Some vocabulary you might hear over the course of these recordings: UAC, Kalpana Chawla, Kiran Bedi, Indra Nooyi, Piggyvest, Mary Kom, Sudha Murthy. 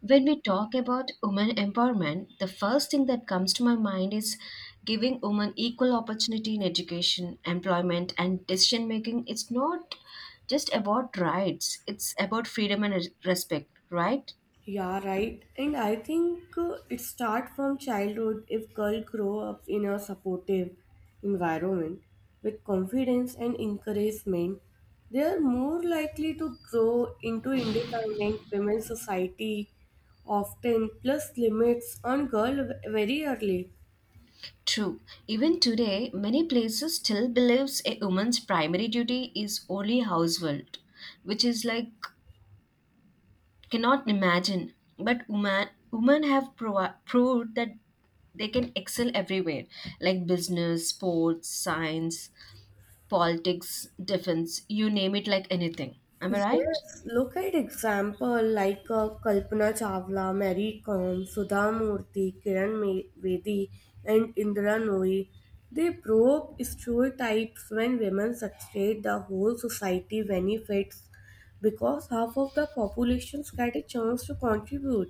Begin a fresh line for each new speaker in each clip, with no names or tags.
When we talk about women empowerment, the first thing that comes to my mind is giving women equal opportunity in education, employment, and decision making. It's not just about rights, it's about freedom and respect, right?
Yeah, right. And I think it starts from childhood. If girls grow up in a supportive environment with confidence and encouragement, they are more likely to grow into independent women. Society often plus limits on girl very early.
True. Even today, many places still believes a woman's primary duty is only household, which is like cannot imagine. But women have proved that they can excel everywhere, like business, sports, science, politics, defense. You name it, like anything. Am I right?
Yes, look at example like Kalpana Chawla, Mary Kom, Sudha Murthy, Kiran Bedi, and Indra Nooyi. They broke stereotypes. When women succeed, the whole society benefits because half of the populations get a chance to contribute.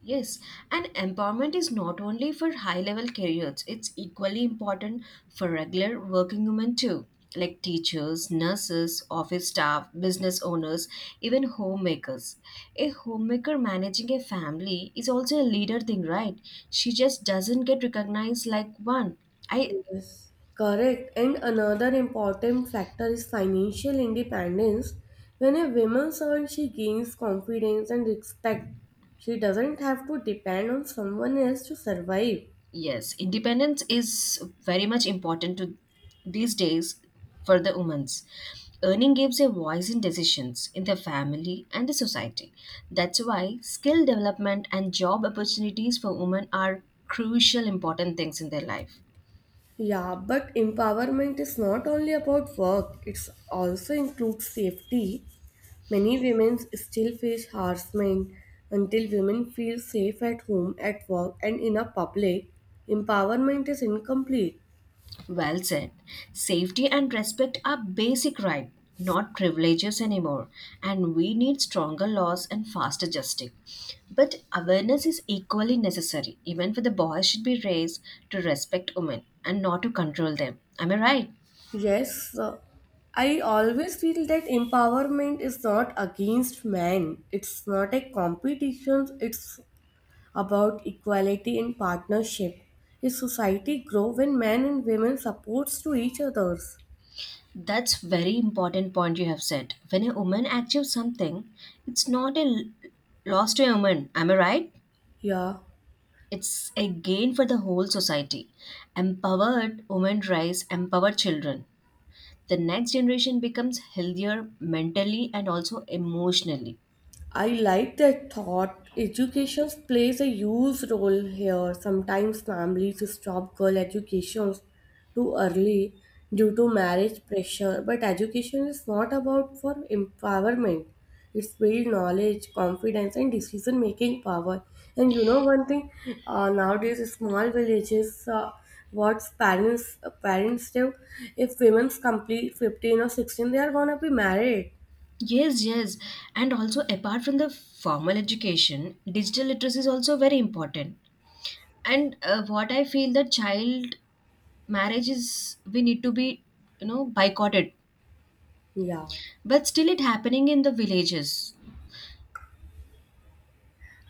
Yes, and empowerment is not only for high level careers, it's equally important for regular working women too, like teachers, nurses, office staff, business owners, even homemakers. A homemaker managing a family is also a leader thing, right? She just doesn't get recognized like one. I,
Yes, correct. And another important factor is financial independence. When a woman earns, she gains confidence and respect. She doesn't have to depend on someone else to survive.
Yes, independence is very much important to these days for the women's. Earning gives a voice in decisions in their family and the society. That's why skill development and job opportunities for women are crucial important things in their life.
Yeah, but empowerment is not only about work, it also includes safety. Many women still face harassment. Until women feel safe at home, at work, and in a public, empowerment is incomplete.
Well said. Safety and respect are basic rights, not privileges anymore, and we need stronger laws and faster justice. But awareness is equally necessary. Even for the boys should be raised to respect women and not to control them. Am I right?
Yes, I always feel that empowerment is not against men. It's not a competition. It's about equality and partnership. A society grow when men and women supports to each others.
That's very important point you have said. When a woman achieves something, it's not a loss to a woman. Am I right?
Yeah.
It's a gain for the whole society. Empowered women raise empowered children. The next generation becomes healthier, mentally and also emotionally.
I like that thought. Education plays a huge role here. Sometimes families stop girl educations too early due to marriage pressure. But education is not about for empowerment. It's build knowledge, confidence, and decision making power. And you know one thing, nowadays small villages, what parents do, if women's complete 15 or 16, they are gonna be married.
Yes, yes. And also, apart from the formal education, digital literacy is also very important. And what I feel that child marriage is we need to be boycotted,
Yeah.
but still it happening in the villages.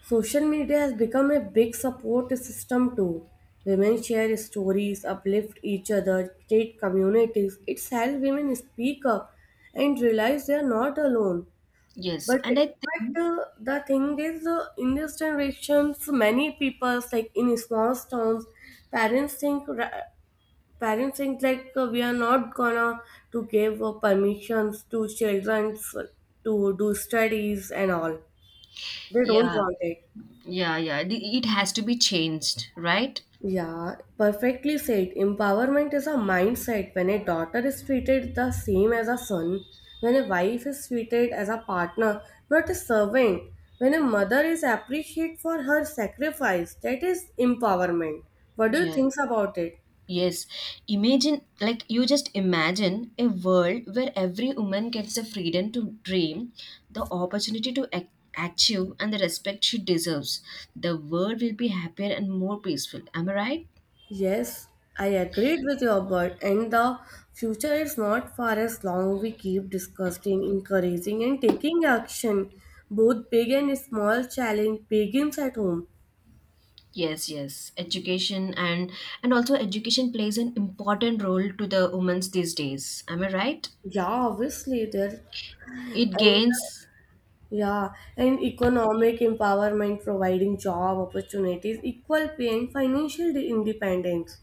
Social media has become a big support system too. Women share stories, uplift each other, create communities. It's helped women speak up and realize they are not alone.
Yes,
But
and I think,
but the thing is, in this generation, so many people like in small towns, parents think ra- parents think like we are not gonna to give permissions to children to do studies and all. They don't
yeah,
want it.
yeah, yeah, it has to be changed, right?
Yeah, perfectly said. Empowerment is a mindset. When a daughter is treated the same as a son, when a wife is treated as a partner, not a servant, when a mother is appreciated for her sacrifice, that is empowerment. What do you
Yeah.
think about it?
Yes, imagine like you just imagine a world where every woman gets the freedom to dream, the opportunity to achieve, and the respect she deserves. The world will be happier and more peaceful. Am I right?
Yes, I agreed with your word, and the future is not far as long we keep discussing, encouraging, and taking action. Both big and small challenge begins at home.
Yes, yes. Education and also education plays an important role to the women's these days. Am I right?
Yeah, obviously there.
It
And,
gains.
yeah, and economic empowerment, providing job opportunities, equal pay, and financial independence.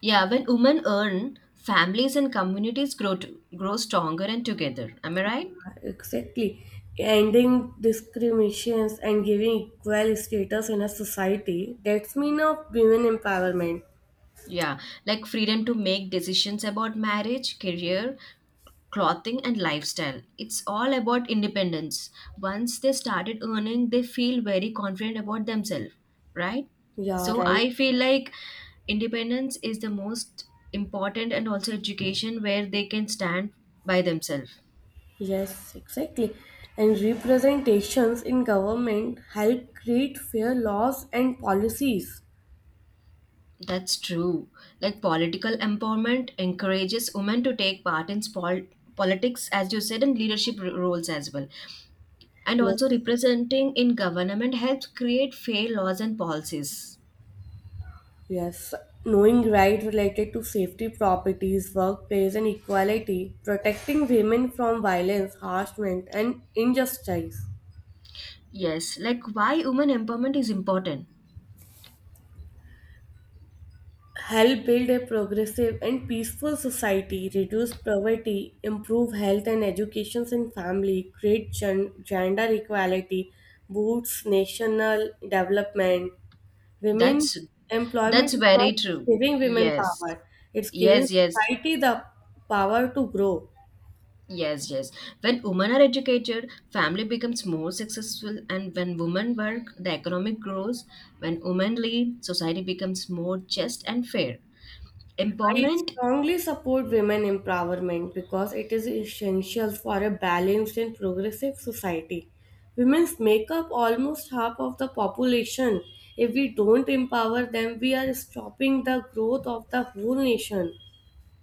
Yeah, when women earn, families and communities grow stronger and together. Am I right?
Yeah, exactly. Ending discriminations and giving equal status in a society. That's mean of women empowerment.
Yeah, like freedom to make decisions about marriage, career, clothing, and lifestyle. It's all about independence. Once they started earning, they feel very confident about themselves, right?
Yeah,
So
right.
I feel like independence is the most important, and also education where they can stand by themselves.
Yes, exactly. And representations in government help create fair laws and policies.
That's true. Like political empowerment encourages women to take part in politics, as you said, and leadership roles as well. And
Yes.
also representing in government helps create fair laws and policies.
Yes, knowing rights related to safety properties, workplace, and equality, protecting women from violence, harassment, and injustice.
Yes, like why women empowerment is important.
Help build a progressive and peaceful society, reduce poverty, improve health and education in family, create gender equality, boosts national development. Women
That's that's
employment is not
very
just
true.
giving women
Yes.
power, it's giving
Yes, yes.
society the power to grow.
Yes, yes. When women are educated, family becomes more successful, and when women work, the economic grows. When women lead, society becomes more just and fair.
I
Empowerment.
strongly support women empowerment because it is essential for a balanced and progressive society. Women make up almost half of the population. If we don't empower them, we are stopping the growth of the whole nation.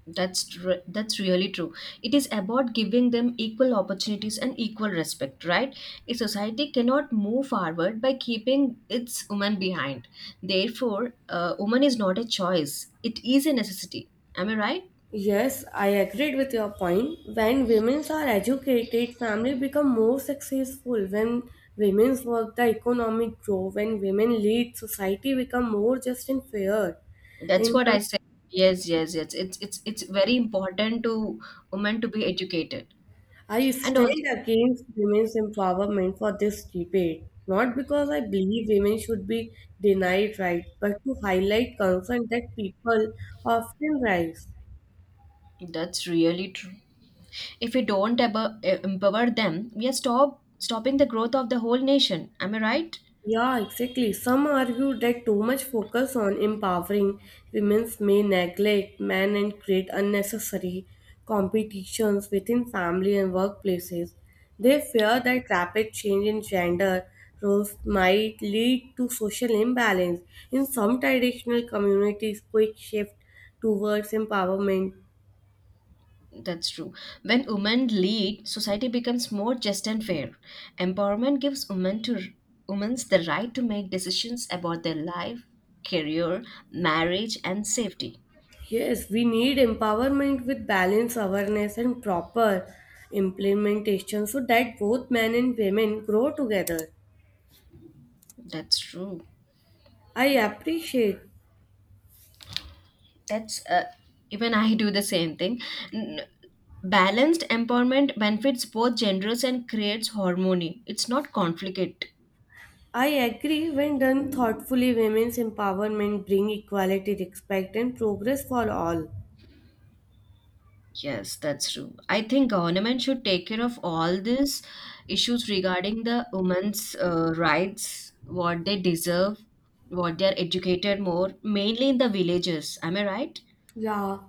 That's really true. It is about giving them equal opportunities and equal respect, right? A society cannot move forward by keeping its woman behind. Therefore, woman is not a choice; it is a necessity. Am I right?
Yes, I agreed with your point. When women are educated, family become more successful. When women work, the economic grow. When women lead, society become more just and fair.
That's
And
what I say. Yes, yes, yes. It's very important to women to be educated,
I
and also
stand against women's empowerment for this debate, not because I believe women should be denied rights, but to highlight concern that people often raise.
that's really true. If we don't empower them, we are stopping the growth of the whole nation. Am I right?
Yeah, exactly. Some argue that too much focus on empowering women may neglect men and create unnecessary competitions within family and workplaces. They fear that rapid change in gender roles might lead to social imbalance. In some traditional communities, quick shift towards empowerment.
That's true. When women lead, society becomes more just and fair. Empowerment gives women to women's the right to make decisions about their life, career, marriage, and safety.
Yes, we need empowerment with balance, awareness, and proper implementation so that both men and women grow together.
That's true.
I appreciate.
That's even I do the same thing. N- Balanced empowerment benefits both genders and creates harmony. It's not conflict.
I agree, when done thoughtfully, women's empowerment bring equality, respect, and progress for all.
Yes, that's true. I think government should take care of all these issues regarding the women's rights, what they deserve, what they are educated more, mainly in the villages. Am I right?
Yeah,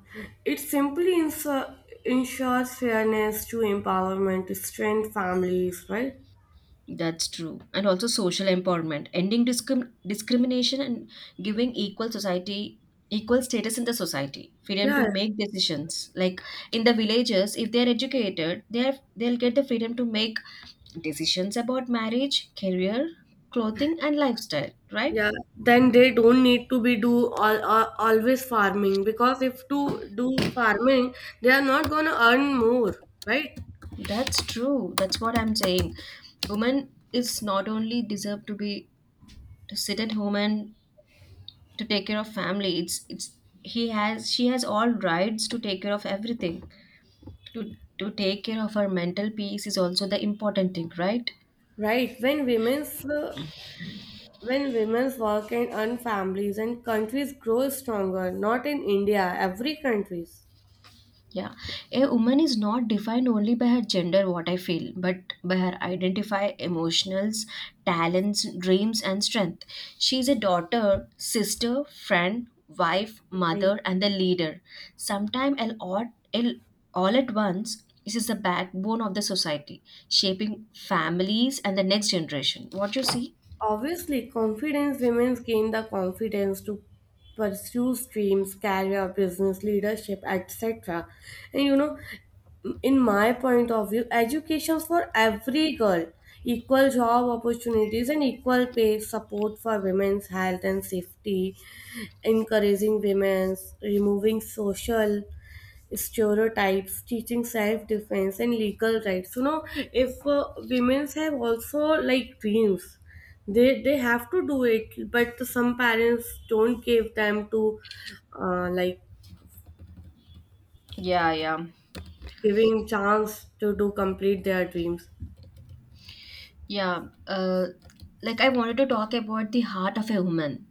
it simply ensures fairness to empowerment, to strength families, right?
That's true. And also social empowerment, ending discrimination and giving equal status in the society, freedom to
Yeah.
make decisions. Like in the villages, if they are educated, they'll get the freedom to make decisions about marriage, career, clothing, and lifestyle, right?
Yeah, then they don't need to be do always farming, because if to do farming, they are not gonna earn more, right?
That's true. That's what I'm saying. Women is not only deserve to sit at home and to take care of family. It's he has she has all rights to take care of everything. To take care of her mental peace is also the important thing, right?
Right. When women's work and earn, families and countries grow stronger, not in India, every countries.
Yeah, a woman is not defined only by her gender, what I feel, but by her identify, emotionals, talents, dreams, and strength. She is a daughter, sister, friend, wife,
Right.
mother, and the leader. Sometimes all at once, this is the backbone of the society, shaping families and the next generation. What you see?
Obviously, confidence women gain the confidence to pursue dreams, career, business, leadership, etc. And you know, in my point of view, education for every girl, equal job opportunities, and equal pay, support for women's health and safety, encouraging women's, removing social stereotypes, teaching self-defense and legal rights. You know, if women have also like dreams, they have to do it. But some parents don't give them to like
Yeah, yeah,
giving chance to do complete their dreams.
yeah. Like I wanted to talk about the heart of a woman.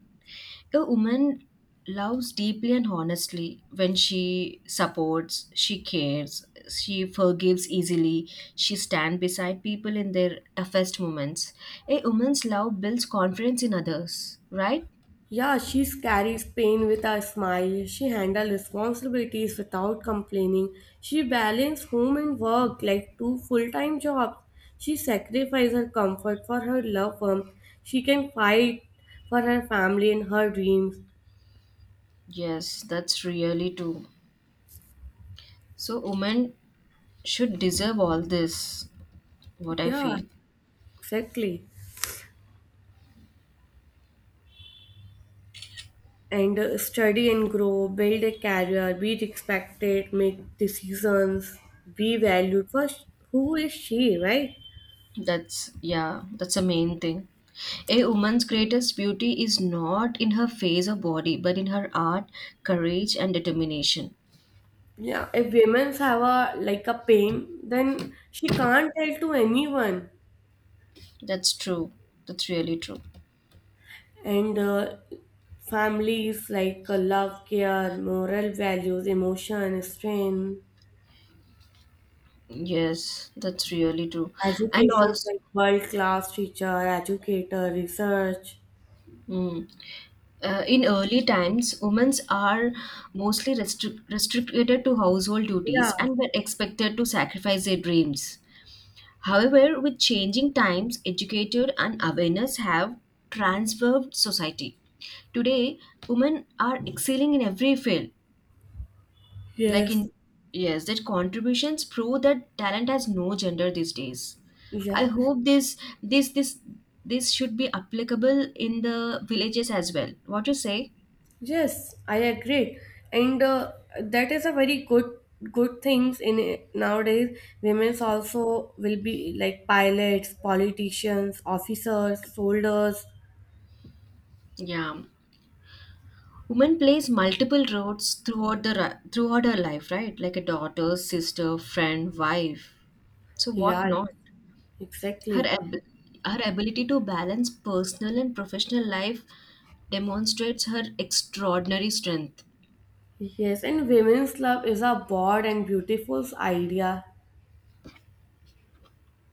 A woman loves deeply and honestly. When she supports, she cares, she forgives easily, she stands beside people in their toughest moments. A woman's love builds confidence in others, right?
Yeah, she carries pain with a smile. She handles responsibilities without complaining. She balances home and work like two full time jobs. She sacrifices her comfort for her loved ones. She can fight for her family and her dreams.
Yes, that's really true. So women should deserve all this, what I
Yeah,
feel.
exactly. And study and grow, build a career, be respected, make decisions, be valued. First, who is she, right?
That's, yeah, that's the main thing. A woman's greatest beauty is not in her face or body, but in her art, courage, and determination.
Yeah, if women have a like a pain, then she can't tell to anyone.
That's true. That's really true.
And families like love, care, moral values, emotion, strength,
Yes, that's really true. And
educations
also,
like world class teacher, educator, research.
mm, in early times, women are mostly restricted to household
Yeah.
duties and were expected to sacrifice their dreams. However, with changing times, educated and awareness have transformed society. Today, women are excelling in every field, like
Yes.
in yes, that contributions prove that talent has no gender these days. I
Yeah.
hope this should be applicable in the villages as well. What you say?
Yes, I agree, and that is a very good things in nowadays. Women also will be like pilots, politicians, officers, soldiers.
Yeah, woman plays multiple roles throughout her life, right? Like a daughter, sister, friend, wife, so what
Yeah,
not. her
exactly.
ab- her ability to balance personal and professional life demonstrates her extraordinary strength.
Yes, and women's love is a broad and beautiful idea.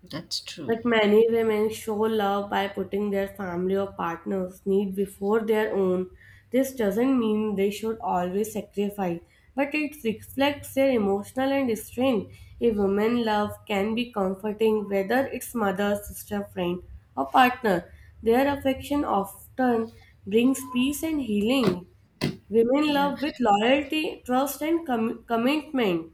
That's true.
Like many women show love by putting their family or partner's need before their own. This doesn't mean they should always sacrifice, but it reflects their emotional and strength. A woman's love can be comforting whether it's mother, sister, friend, or partner. Their affection often brings peace and healing. Women
Yeah.
love with loyalty, trust, and commitment.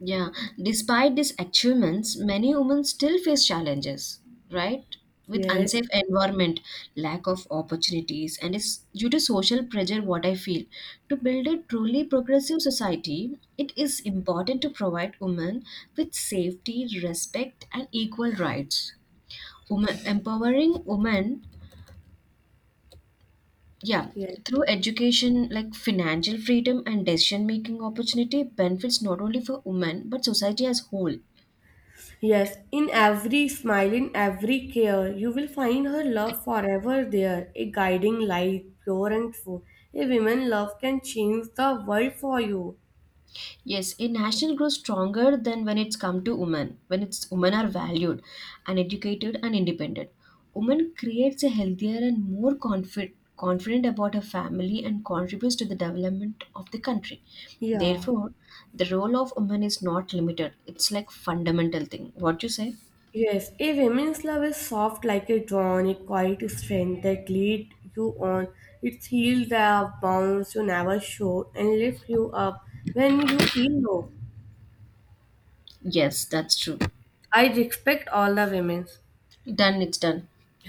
Yeah, despite these achievements, many women still face challenges, right? With
Yes,
unsafe environment, lack of opportunities, and it's due to social pressure, what I feel. To build a truly progressive society, it is important to provide women with safety, respect, and equal rights. Women empowering women, yeah,
yes.
through education, like financial freedom and decision making opportunity benefits not only for women but society as whole.
Yes, in every smile, in every care, you will find her love forever there, a guiding light, pure and true. A woman's love can change the world for you.
Yes, a nation grows stronger than when it's come to women, when it's women are valued and educated and independent. Women creates a healthier and more confident about her family and contributes to the development of the country.
Yeah.
Therefore, the role of women is not limited. It's like fundamental thing. What you say?
Yes, a woman's love is soft like a dawn, a quiet strength that leads you on. It heals the bounds you never showed and lifts you up when you feel low.
Yes, that's true.
I respect all the women.
Done, it's done.